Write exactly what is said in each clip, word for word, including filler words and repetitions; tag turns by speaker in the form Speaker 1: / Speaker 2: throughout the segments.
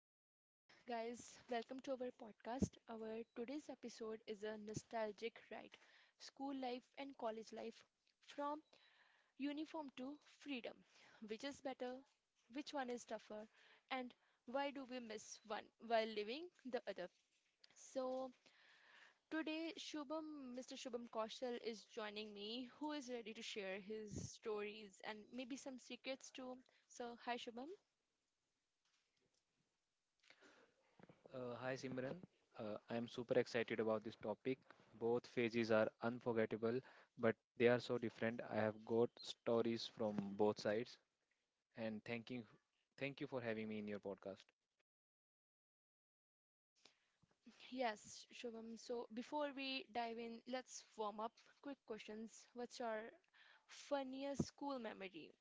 Speaker 1: So, guys, welcome to our podcast. Our today's episode is a nostalgic ride, school life and college life, from uniform to freedom. Which is better? Which one is tougher? And why do we miss one while living the other? So, today, Shubham, Mister Shubham Kaushal is joining me, who is ready to share his stories and maybe some secrets too. So, hi, Shubham.
Speaker 2: Uh, hi Simran. Uh, I'm super excited about this topic. Both phases are unforgettable, but they are so different. I have got stories from both sides, and thanking, thank you for having me in your podcast.
Speaker 1: Yes, Shubham. So before we dive in, let's warm up. Quick questions. What's your funniest school memory?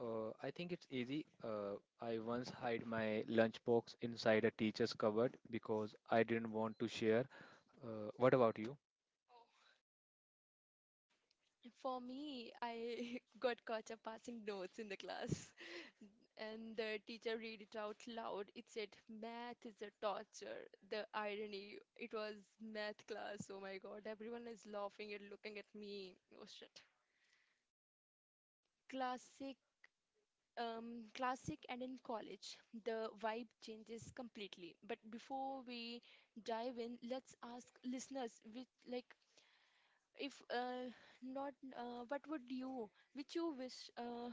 Speaker 2: Uh, I think it's easy. Uh, I once hid my lunchbox inside a teacher's cupboard because I didn't want to share. Uh, what about you?
Speaker 1: For me, I got caught up passing notes in the class, and the teacher read it out loud. It said, "Math is a torture." The irony. It was math class. Oh my God! Everyone is laughing and looking at me. Oh shit. Classic um, classic in college. The vibe changes completely. Before we dive in, let's ask listeners which like if uh, not uh, what would you which you wish uh,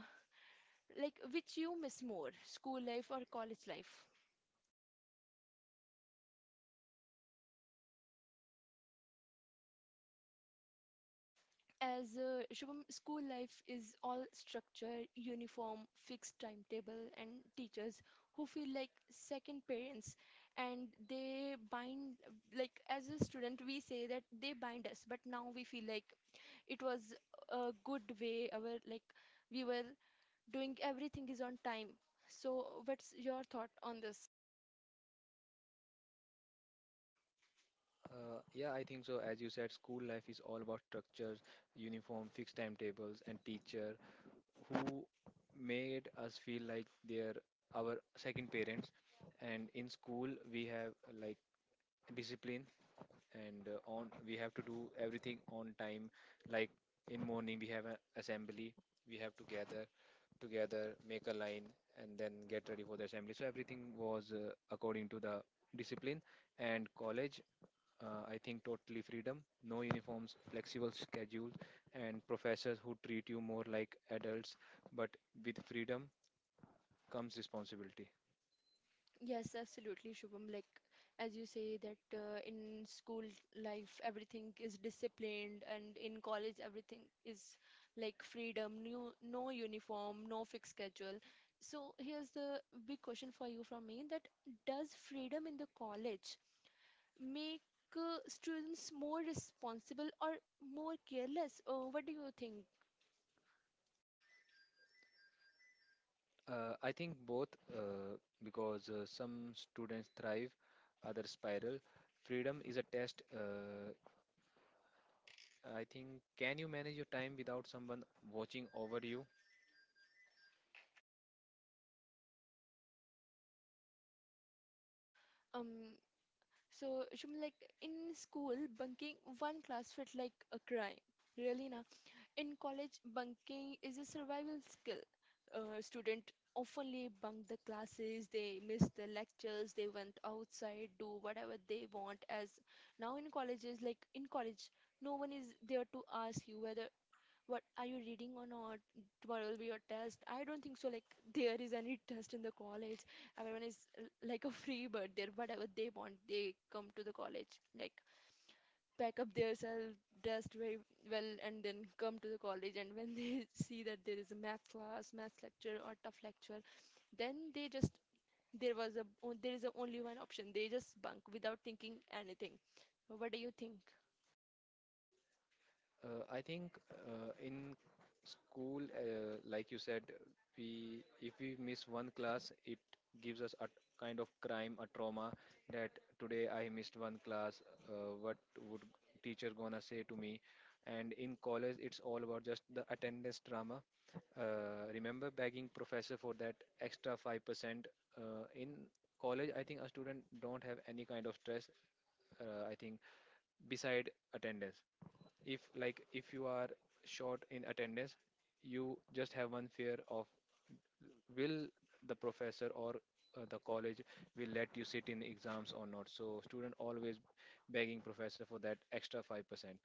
Speaker 1: like which you miss more, school life or college life. As uh, Shubham, school life is all structure, uniform, fixed timetable, and teachers who feel like second parents, and they bind, like, as a student we say that they bind us, but now we feel like it was a good way. Our, like, we were doing everything is on time. So, what's your thought on this?
Speaker 2: Uh, yeah, I think so. As you said, school life is all about structure, uniform, fixed timetables, and teacher who made us feel like they're our second parents. And in school, we have uh, like discipline, and uh, on we have to do everything on time. Like in morning, we have an assembly. We have to gather together, make a line, and then get ready for the assembly. So everything was uh, according to the discipline. And college uh, I think totally freedom, no uniforms, flexible schedule, and professors who treat you more like adults, but with freedom comes responsibility.
Speaker 1: Yes, absolutely, Shubham. Like, as you say, that uh, in school life, everything is disciplined, and in college, everything is like freedom, new, no uniform, no fixed schedule. So, here's the big question for you from me, that does freedom in the college make uh, students more responsible or more careless? Uh, what do you think?
Speaker 2: Uh, I think both uh, because uh, some students thrive, others spiral. Freedom is a test. Uh, I think, can you manage your time without someone watching over you?
Speaker 1: Um, so, Shubham, like in school, bunking one class felt like a crime. Really, na? In college, bunking is a survival skill. Uh, student oftenly bunk the classes, they miss the lectures, they went outside, do whatever they want. As now in colleges, like in college, no one is there to ask you whether what are you reading or not. Tomorrow will be your test. I don't think so. Like there is any test in the college. Everyone is uh, like a free bird. There, whatever they want, they come to the college. Like pack up themselves, dressed very well, and then come to the college. And when they see that there is a math class, math lecture, or tough lecture, then they just there was a o- there is a only one option. They just bunk without thinking anything. What do you think?
Speaker 2: Uh, I think uh, in school, uh, like you said, we if we miss one class, it gives us a kind of crime, a trauma that today I missed one class. Uh, what would teacher gonna say to me? And in college, it's all about just the attendance drama. Uh, remember begging professor for that extra five percent. uh, in college, I think a student don't have any kind of stress. uh, I think beside attendance, if like if you are short in attendance, you just have one fear of will the professor or uh, the college will let you sit in exams or not, so student always begging professor for that extra five percent.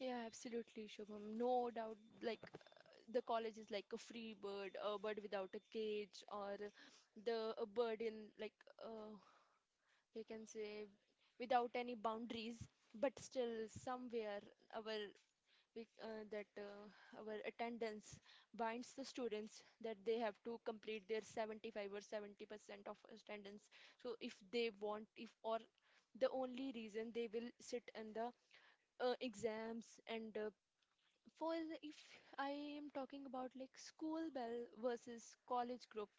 Speaker 1: Yeah, absolutely, Shubham. No doubt, like the college is like a free bird, a bird without a cage, or the a bird in, like, uh, you can say, without any boundaries, but still somewhere our we, uh, that uh, our attendance binds the students, that they have to complete their seventy-five or seventy percent of attendance. So if they want, if or the only reason they will sit in the uh, exams, and uh, for if I am talking about, like, school bell versus college group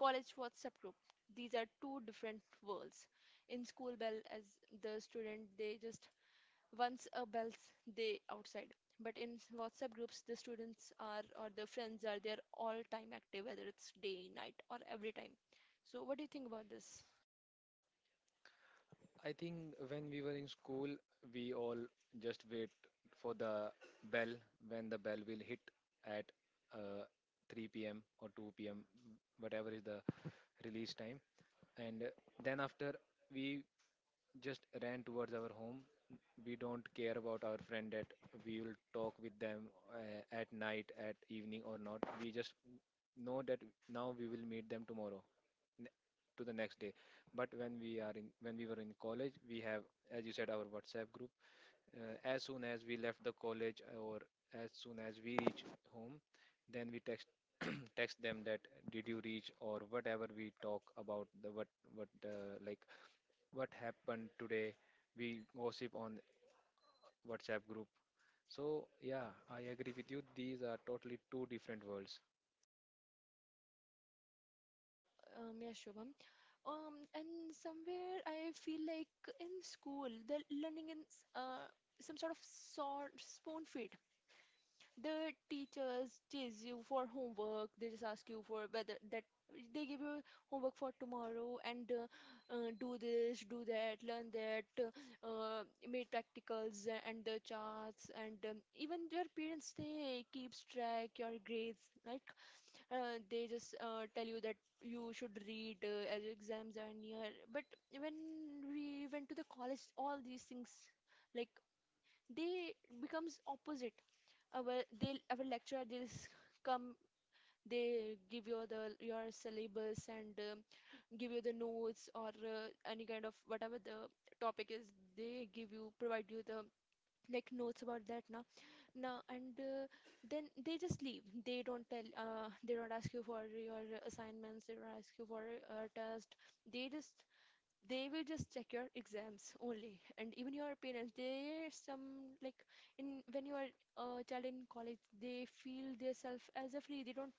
Speaker 1: college WhatsApp group, these are two different worlds. In school bell, as the student, they just once a bells day outside. But in WhatsApp groups, the students are or the friends are there all time active, whether it's day, night, or every time. So what do you think about this?
Speaker 2: I think when we were in school, we all just wait for the bell when the bell will hit at uh, three p m or two p m, whatever is the release time. And uh, then after we just ran towards our home. We don't care about our friend that we will talk with them uh, at night, at evening or not. We just know that now we will meet them tomorrow to the next day. But when we are in when we were in college, we have, as you said, our WhatsApp group. Uh, as soon as we left the college or as soon as we reach home, then we text text them that did you reach or whatever we talk about the what what uh, like what happened today. We gossip on WhatsApp group. So yeah, I agree with you, these are totally two different worlds.
Speaker 1: Um, yeah, Shubham? Um, and somewhere I feel like in school they're learning in uh, some sort of sort spoon feed. The teachers chase you for homework. They just ask you for whether that they give you homework for tomorrow, and uh, uh, do this, do that, learn that, uh, uh, make practicals and the charts, and um, even your parents, they keeps track your grades. Like uh, they just uh, tell you that you should read uh, as your exams are near. But when we went to the college, all these things, like, they becomes opposite. Our, they, our lecturer, they come, they give you the your syllabus, and um, give you the notes or uh, any kind of, whatever the topic is, they give you, provide you the, like, notes about that now now, and uh, then they just leave. They don't tell, uh, they don't ask you for your assignments, they don't ask you for a test. They just they will just check your exams only. And even your parents, they some, like, in, when you are a child in college, they feel themselves as a free, they don't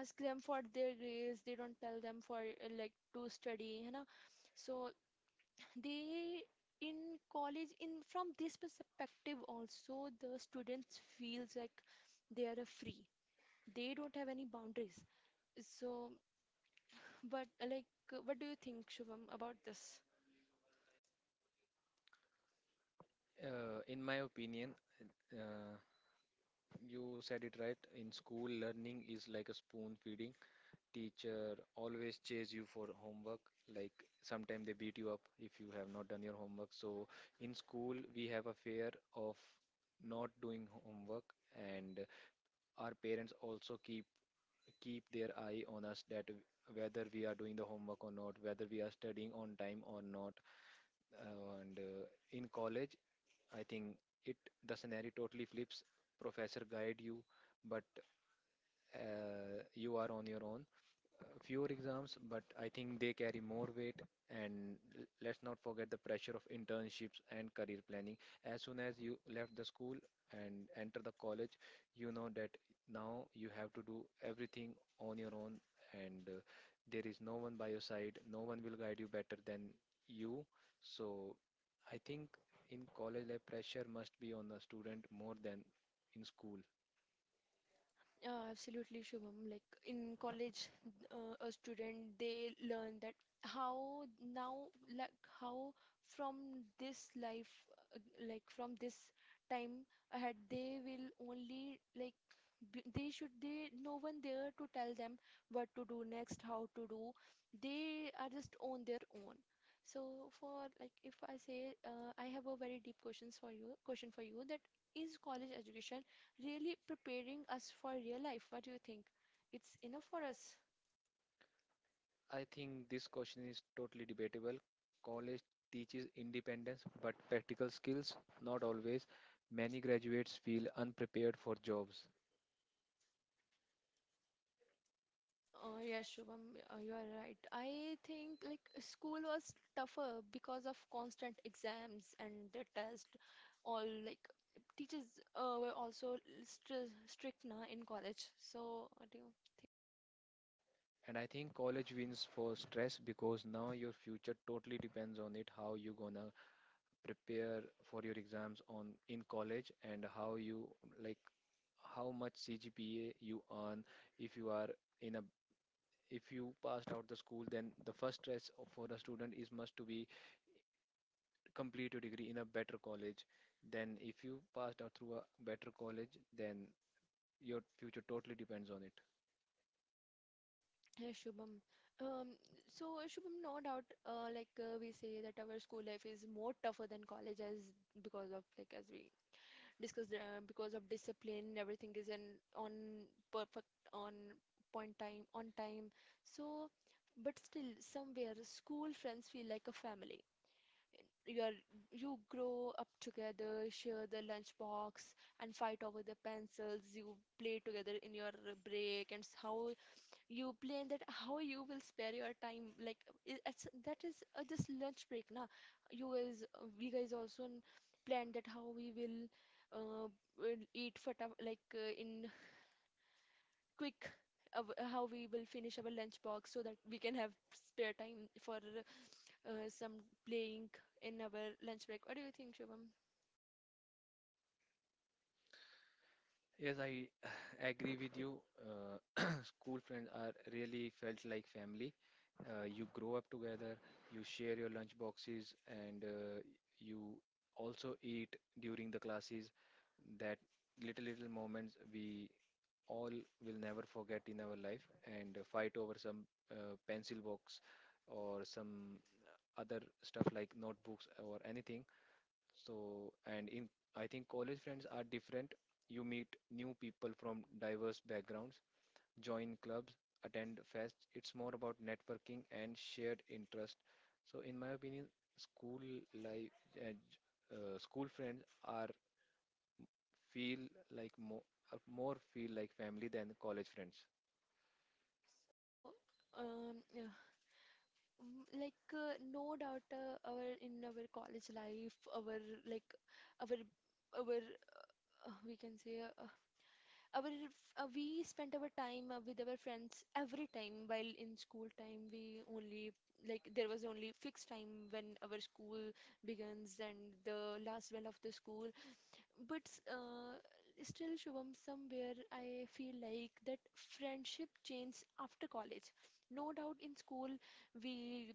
Speaker 1: ask them for their grades, they don't tell them for uh, like to study, you know so they in college in from this perspective also, the students feels like they are a free, they don't have any boundaries. So but uh, like uh, what do you think, Shubham, about this?
Speaker 2: uh, in my opinion uh, you said it right. In school, learning is like a spoon feeding, teacher always chase you for homework, like sometimes they beat you up if you have not done your homework. So in school we have a fear of not doing homework. And our parents also keep keep their eye on us, that whether we are doing the homework or not, whether we are studying on time or not. Uh, and uh, In college, I think it the scenario totally flips. Professor guide you, but uh, you are on your own. Uh, fewer exams, but I think they carry more weight. And l- let's not forget the pressure of internships and career planning. As soon as you left the school and enter the college, you know that now you have to do everything on your own, and uh, there is no one by your side. No one will guide you better than you. So I think in college life, pressure must be on the student more than in school.
Speaker 1: Yeah, absolutely, Shubham. Like in college, uh, a student, they learn that how now, like how from this life, uh, like from this time ahead, they will only, like, b- they should, they, no one there to tell them what to do next, how to do. They are just on their own. So for, like, if I say, uh, I have a very deep questions for you, question for you, that is college education really preparing us for real life? What do you think? It's enough for us.
Speaker 2: I think this question is totally debatable. College teaches independence, but practical skills, not always. Many graduates feel unprepared for jobs.
Speaker 1: Oh, yes, Shubham, uh, you are right. I think, like, school was tougher because of constant exams and the test. All, like, teachers uh, were also stri strict na in college. So, what do you think?
Speaker 2: And I think college wins for stress because now your future totally depends on it, how you gonna prepare for your exams on in college and how you like how much C G P A you earn. If you are in a if you passed out the school, then the first stress for the student is must to be complete your degree in a better college. Then if you passed out through a better college, then your future totally depends on it.
Speaker 1: Yes, Shubham. Um, so Shubham, no doubt, uh, like, uh, we say that our school life is more tougher than college as, because of, like as we discussed, uh, because of discipline, everything is in on perfect, on point, time on time. So, but still somewhere school friends feel like a family. You are, you grow up together, share the lunchbox, and fight over the pencils. You play together in your break, and s- how you blame that how you will spare your time. Like, i- it's, that is, uh, just lunch break, na? You guys, uh, we guys also n- planned that how we will uh, will eat fata, like uh, in quick, uh, how we will finish our lunch box so that we can have spare time for uh, some playing in our lunch break. What do you think, Shubham?
Speaker 2: Yes, I agree with you. Uh, school friends are really felt like family. Uh, you grow up together, you share your lunch boxes, and uh, you also eat during the classes. That little little moments we all will never forget in our life. And uh, fight over some uh, pencil box or some other stuff like notebooks or anything. So and in I think college friends are different. You meet new people from diverse backgrounds, join clubs, attend fest, it's more about networking and shared interest. So in my opinion, school life uh, uh, school friends are feel like more more feel like family than college friends.
Speaker 1: So um, yeah, mm, like, uh, no doubt, uh, our, in our college life, our, like, our our uh, we can say, uh, uh, our, uh, we spent our time uh, with our friends every time, while in school time we only, like, there was only fixed time when our school begins, and the last bell of the school. But uh, still, Shubham, somewhere I feel like that friendship changed after college. No doubt, in school we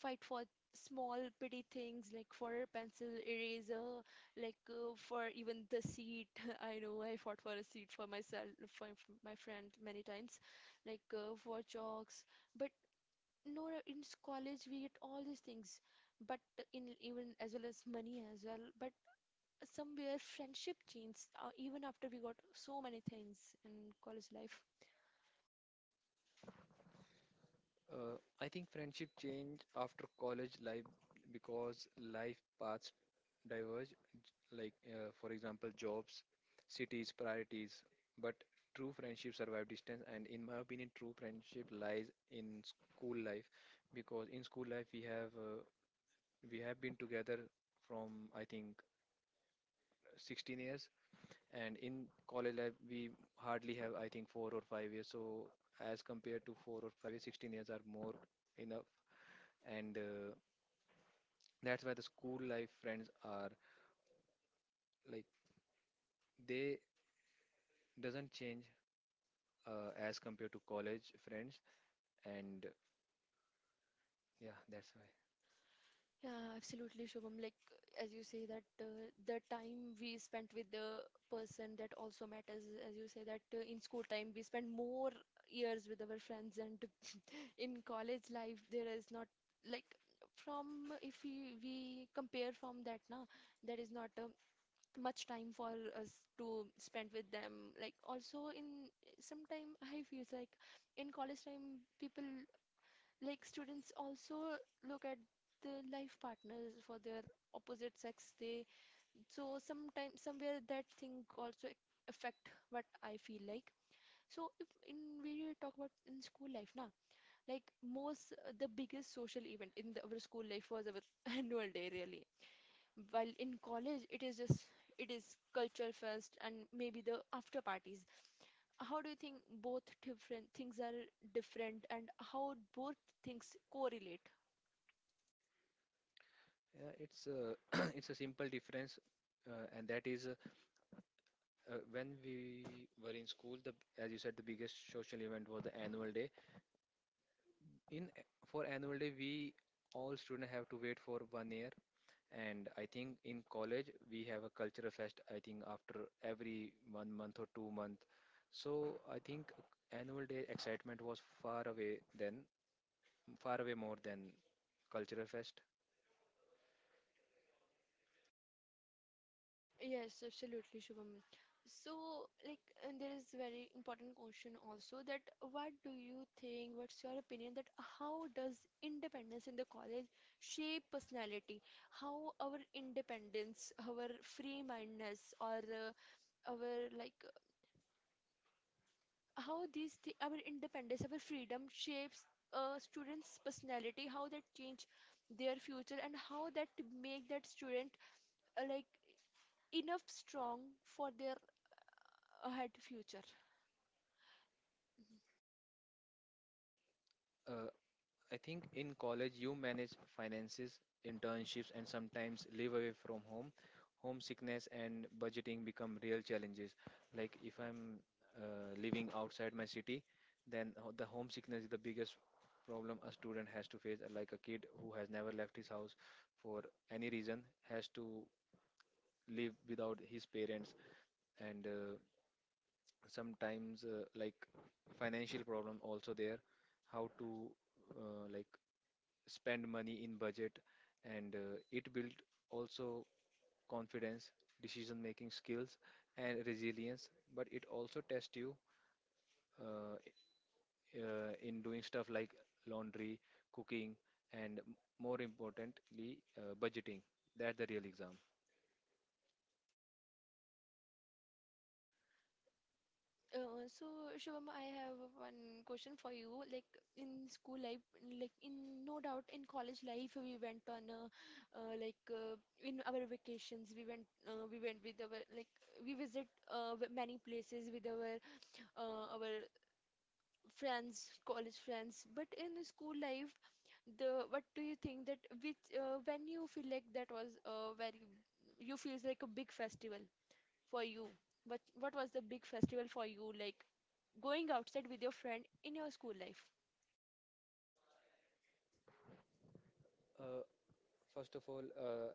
Speaker 1: fight for small petty things like for pencil, eraser, like uh, for even the seat. I know I fought for a seat for myself, for my my friend, many times, like uh, for chalks. But no, in college we get all these things, but in, even as well as money as well, but somewhere friendship changed, uh, even after we got so many things in college life.
Speaker 2: Uh, I think friendship change after college life because life paths diverge. Like uh, for example, jobs, cities, priorities. But true friendship survive distance, and in my opinion, true friendship lies in school life because in school life we have uh, we have been together from I think sixteen years. And in college life, we hardly have, I think, four or five years. So as compared to four or five years, sixteen years are more enough. And uh, that's why the school life friends are like they doesn't change uh, as compared to college friends. And yeah, that's why.
Speaker 1: Yeah, absolutely, Shubham. Like as you say, that uh, the time we spent with the person, that also matters. As you say, that uh, in school time we spend more years with our friends, and in college life there is not, like, from if we we compare from that now, there is not uh, much time for us to spend with them. Like, also in sometime I feels like in college time people, like students, also look at the life partners for their opposite sex, they. So sometimes somewhere that thing also affect, what I feel like. So if in, we really talk about in school life now, like most, uh, the biggest social event in the, our school life was our annual day, really, while in college it is just, it is culture fest and maybe the after parties. How do you think both different things are different, and how both things correlate?
Speaker 2: Yeah, it's a it's a simple difference, uh, and that is uh, uh, when we were in school. The, as you said, the biggest social event was the annual day. In for annual day, we all students have to wait for one year. And I think in college we have a cultural fest, I think after every one month or two month. So I think annual day excitement was far away then, far away more than cultural fest.
Speaker 1: Yes, absolutely, Shubham. So, like, and there is very important question also, that what do you think, what's your opinion, that how does independence in the college shape personality? How our independence, our free-mindedness, or uh, our, like, how these thi our independence, our freedom shapes a student's personality, how that change their future, and how that make that student uh, like enough strong for their ahead future.
Speaker 2: uh, I think in college you manage finances, internships, and sometimes live away from home. Homesickness and budgeting become real challenges. Like if I'm uh, living outside my city, then ho- the homesickness is the biggest problem a student has to face. Like a kid who has never left his house for any reason has to live without his parents, and uh, sometimes uh, like financial problem also there, how to uh, like spend money in budget. And uh, it built also confidence, decision making skills, and resilience. But it also tests you uh, uh, in doing stuff like laundry, cooking, and m- more importantly uh, budgeting. That's the real exam.
Speaker 1: Uh, so Shivam, I have one question for you. Like in school life, like in, no doubt in college life, we went on uh, uh, like, uh, in our vacations, we went, uh, we went with our, like, we visit uh, w- many places with our uh, our friends, college friends. But in the school life, the what do you think that which uh, when you feel like that was uh, very you feels like a big festival for you? What what was the big festival for you? Like going outside with your friend in your school life.
Speaker 2: Uh, first of all, uh,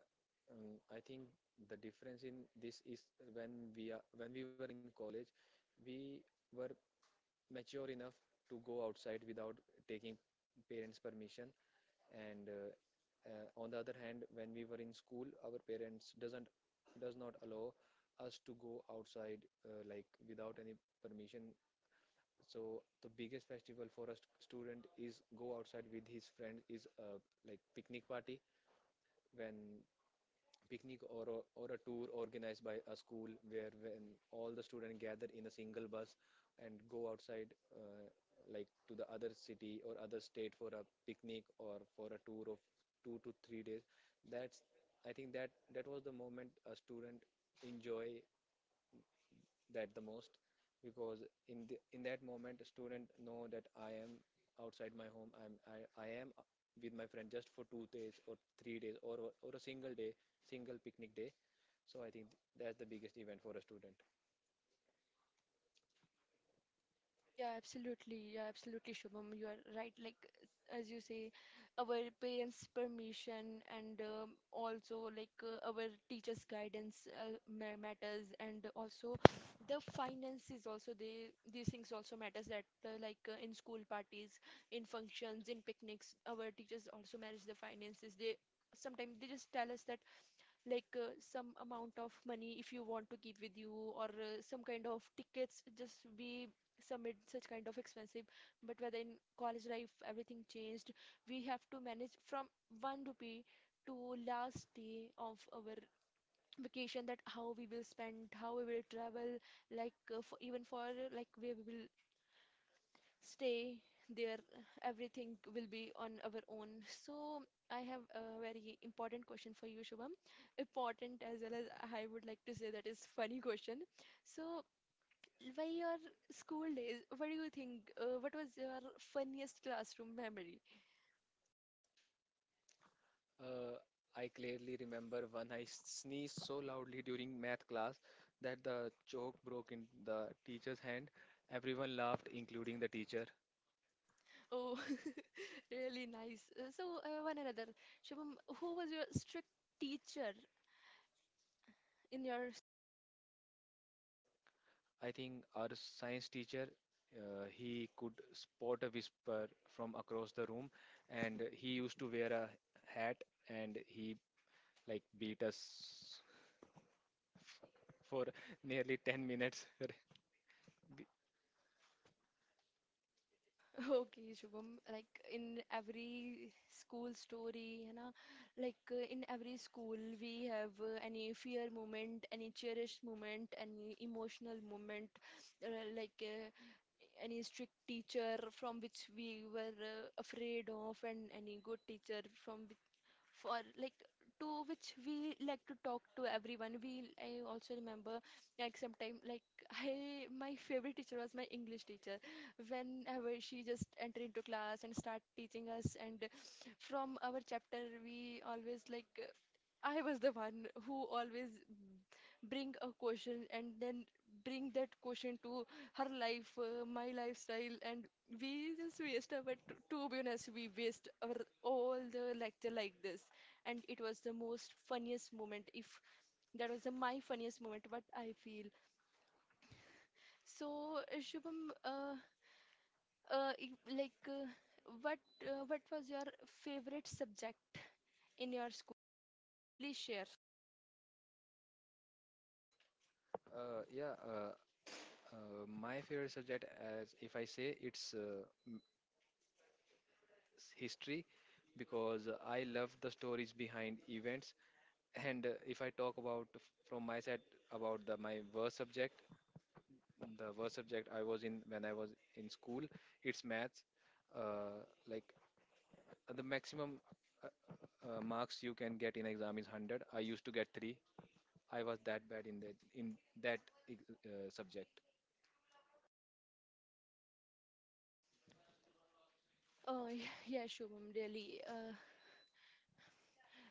Speaker 2: um, I think the difference in this is when we are when we were in college, we were mature enough to go outside without taking parents' permission, and uh, uh, on the other hand, when we were in school, our parents doesn't does not allow us to go outside uh, like without any permission. So the biggest festival for a st- student is go outside with his friends is uh, like picnic party. When picnic or a, or a tour organized by a school, where when all the students gather in a single bus and go outside uh, like to the other city or other state for a picnic or for a tour of two to three days. That's, I think that that was the moment a student enjoy that the most, because in the, in that moment student know that I am outside my home. I'm I, I am with my friend just for two days or three days or or a single day, single picnic day. So I think that's the biggest event for a student.
Speaker 1: Yeah, absolutely. Yeah, absolutely, Shubham. You are right. Like, as you say, our parents' permission, and um, also like uh, our teachers' guidance uh, ma- matters, and also the finances. Also, they these things also matters. That uh, like uh, in school parties, in functions, in picnics, our teachers also manage the finances. They sometimes they just tell us that like uh, some amount of money if you want to keep with you, or uh, some kind of tickets just we submit such kind of expensive. But whether in college life everything changed, we have to manage from one rupee to last day of our vacation, that how we will spend, how we will travel, like uh, for, even for uh, like where we will stay there, everything will be on our own. So I have a very important question for you, Shubham. Important as well as, I would like to say that, is funny question. So by your school days, what do you think, uh, what was your funniest classroom memory?
Speaker 2: uh, I clearly remember when I sneezed so loudly during math class that the chalk broke in the teacher's hand. Everyone laughed, including the teacher.
Speaker 1: Oh, really nice. Uh, so uh, one another, Shubham, who was your strict teacher in your?
Speaker 2: I think our science teacher, uh, he could spot a whisper from across the room, and he used to wear a hat and he like beat us for nearly ten minutes. Be-
Speaker 1: Okay, Shubham, like in every school story, you know, like uh, in every school we have uh, any fear moment, any cherished moment, any emotional moment, uh, like uh, any strict teacher from which we were uh, afraid of, and any good teacher from, for, like, to which we like to talk to everyone. We, I also remember like sometime like I my favorite teacher was my English teacher. Whenever she just entered into class and start teaching us, and from our chapter we always like, I was the one who always bring a question and then bring that question to her life, uh, my lifestyle, and we just waste our, to, to be honest, we waste our all the lecture like this. And it was the most funniest moment, if that was the, my funniest moment, what I feel. So, uh, Shubham, uh, uh, if- like, uh, what uh, what was your favorite subject in your school? Please share.
Speaker 2: Uh, yeah, uh, uh, my favorite subject, as if I say, it's uh, m- history because I love the stories behind events. And uh, if I talk about f- from my side about the my worst subject, the worst subject I was in when I was in school. It's maths. Uh, like the maximum uh, uh, marks you can get in exam is one hundred. I used to get three. I was that bad in that in that ex- uh, subject.
Speaker 1: Uh, y- yeah, Shubham, really. Uh,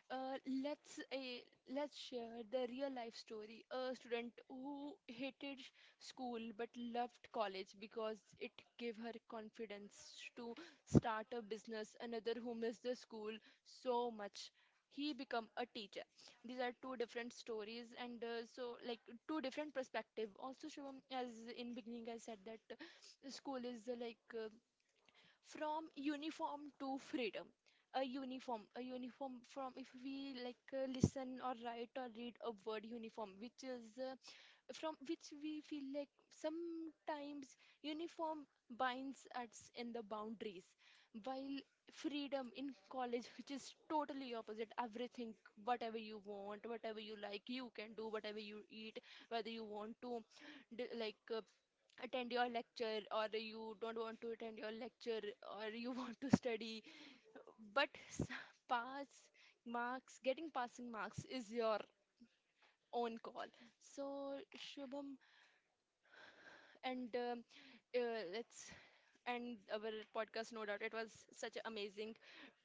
Speaker 1: Uh, let's uh, let's share the real life story. A student who hated sh- school but loved college because it gave her confidence to start a business. Another who missed the school so much, he become a teacher. These are two different stories, and uh, so like two different perspective. Also, Shivam, as in beginning I said that uh, school is uh, like uh, from uniform to freedom. A uniform a uniform, from if we like uh, listen or write or read a word uniform, which is uh, from which we feel like sometimes uniform binds us in the boundaries, while freedom in college, which is totally opposite everything, whatever you want, whatever you like you can do, whatever you eat, whether you want to d- like uh, attend your lecture, or you don't want to attend your lecture, or you want to study but s- pass marks, getting passing marks is your own call. So Shubham, and um, uh, let's end our podcast. No doubt it was such an amazing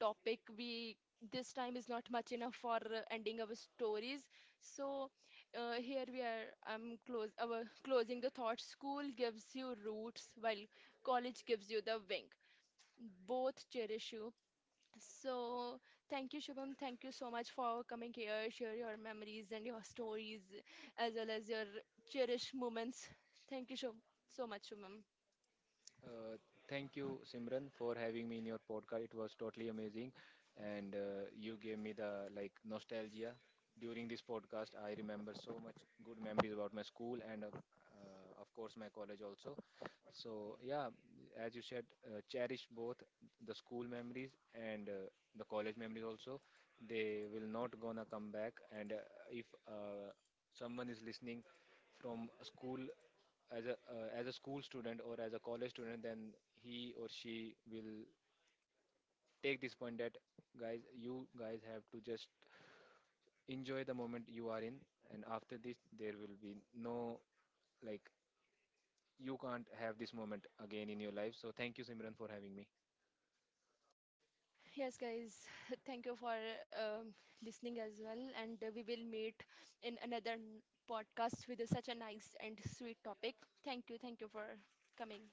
Speaker 1: topic. We, this time is not much enough for uh, ending our stories. So, uh, here we are, I'm close uh, closing the thought: school gives you roots while college gives you the wing. Both cherish you. So thank you, Shubham. Thank you so much for coming here, share your memories and your stories, as well as your cherished moments. Thank you so so much, Shubham.
Speaker 2: Uh, thank you, Simran, for having me in your podcast. It was totally amazing, and uh, you gave me the like nostalgia during this podcast. I remember so much good memories about my school and, uh, uh, of course, my college also. So yeah, as you said, uh, cherish both the school memories and uh, the college memories also. They will not gonna come back. And uh, if uh, someone is listening from a school as a uh, as a school student or as a college student, then he or she will take this point that guys, you guys have to just enjoy the moment you are in, and after this there will be no like you can't have this moment again in your life. So thank you, Simran, for having me.
Speaker 1: Yes, guys, thank you for um listening as well, and uh, we will meet in another n- podcast with such a nice and sweet topic. Thank you, thank you for coming.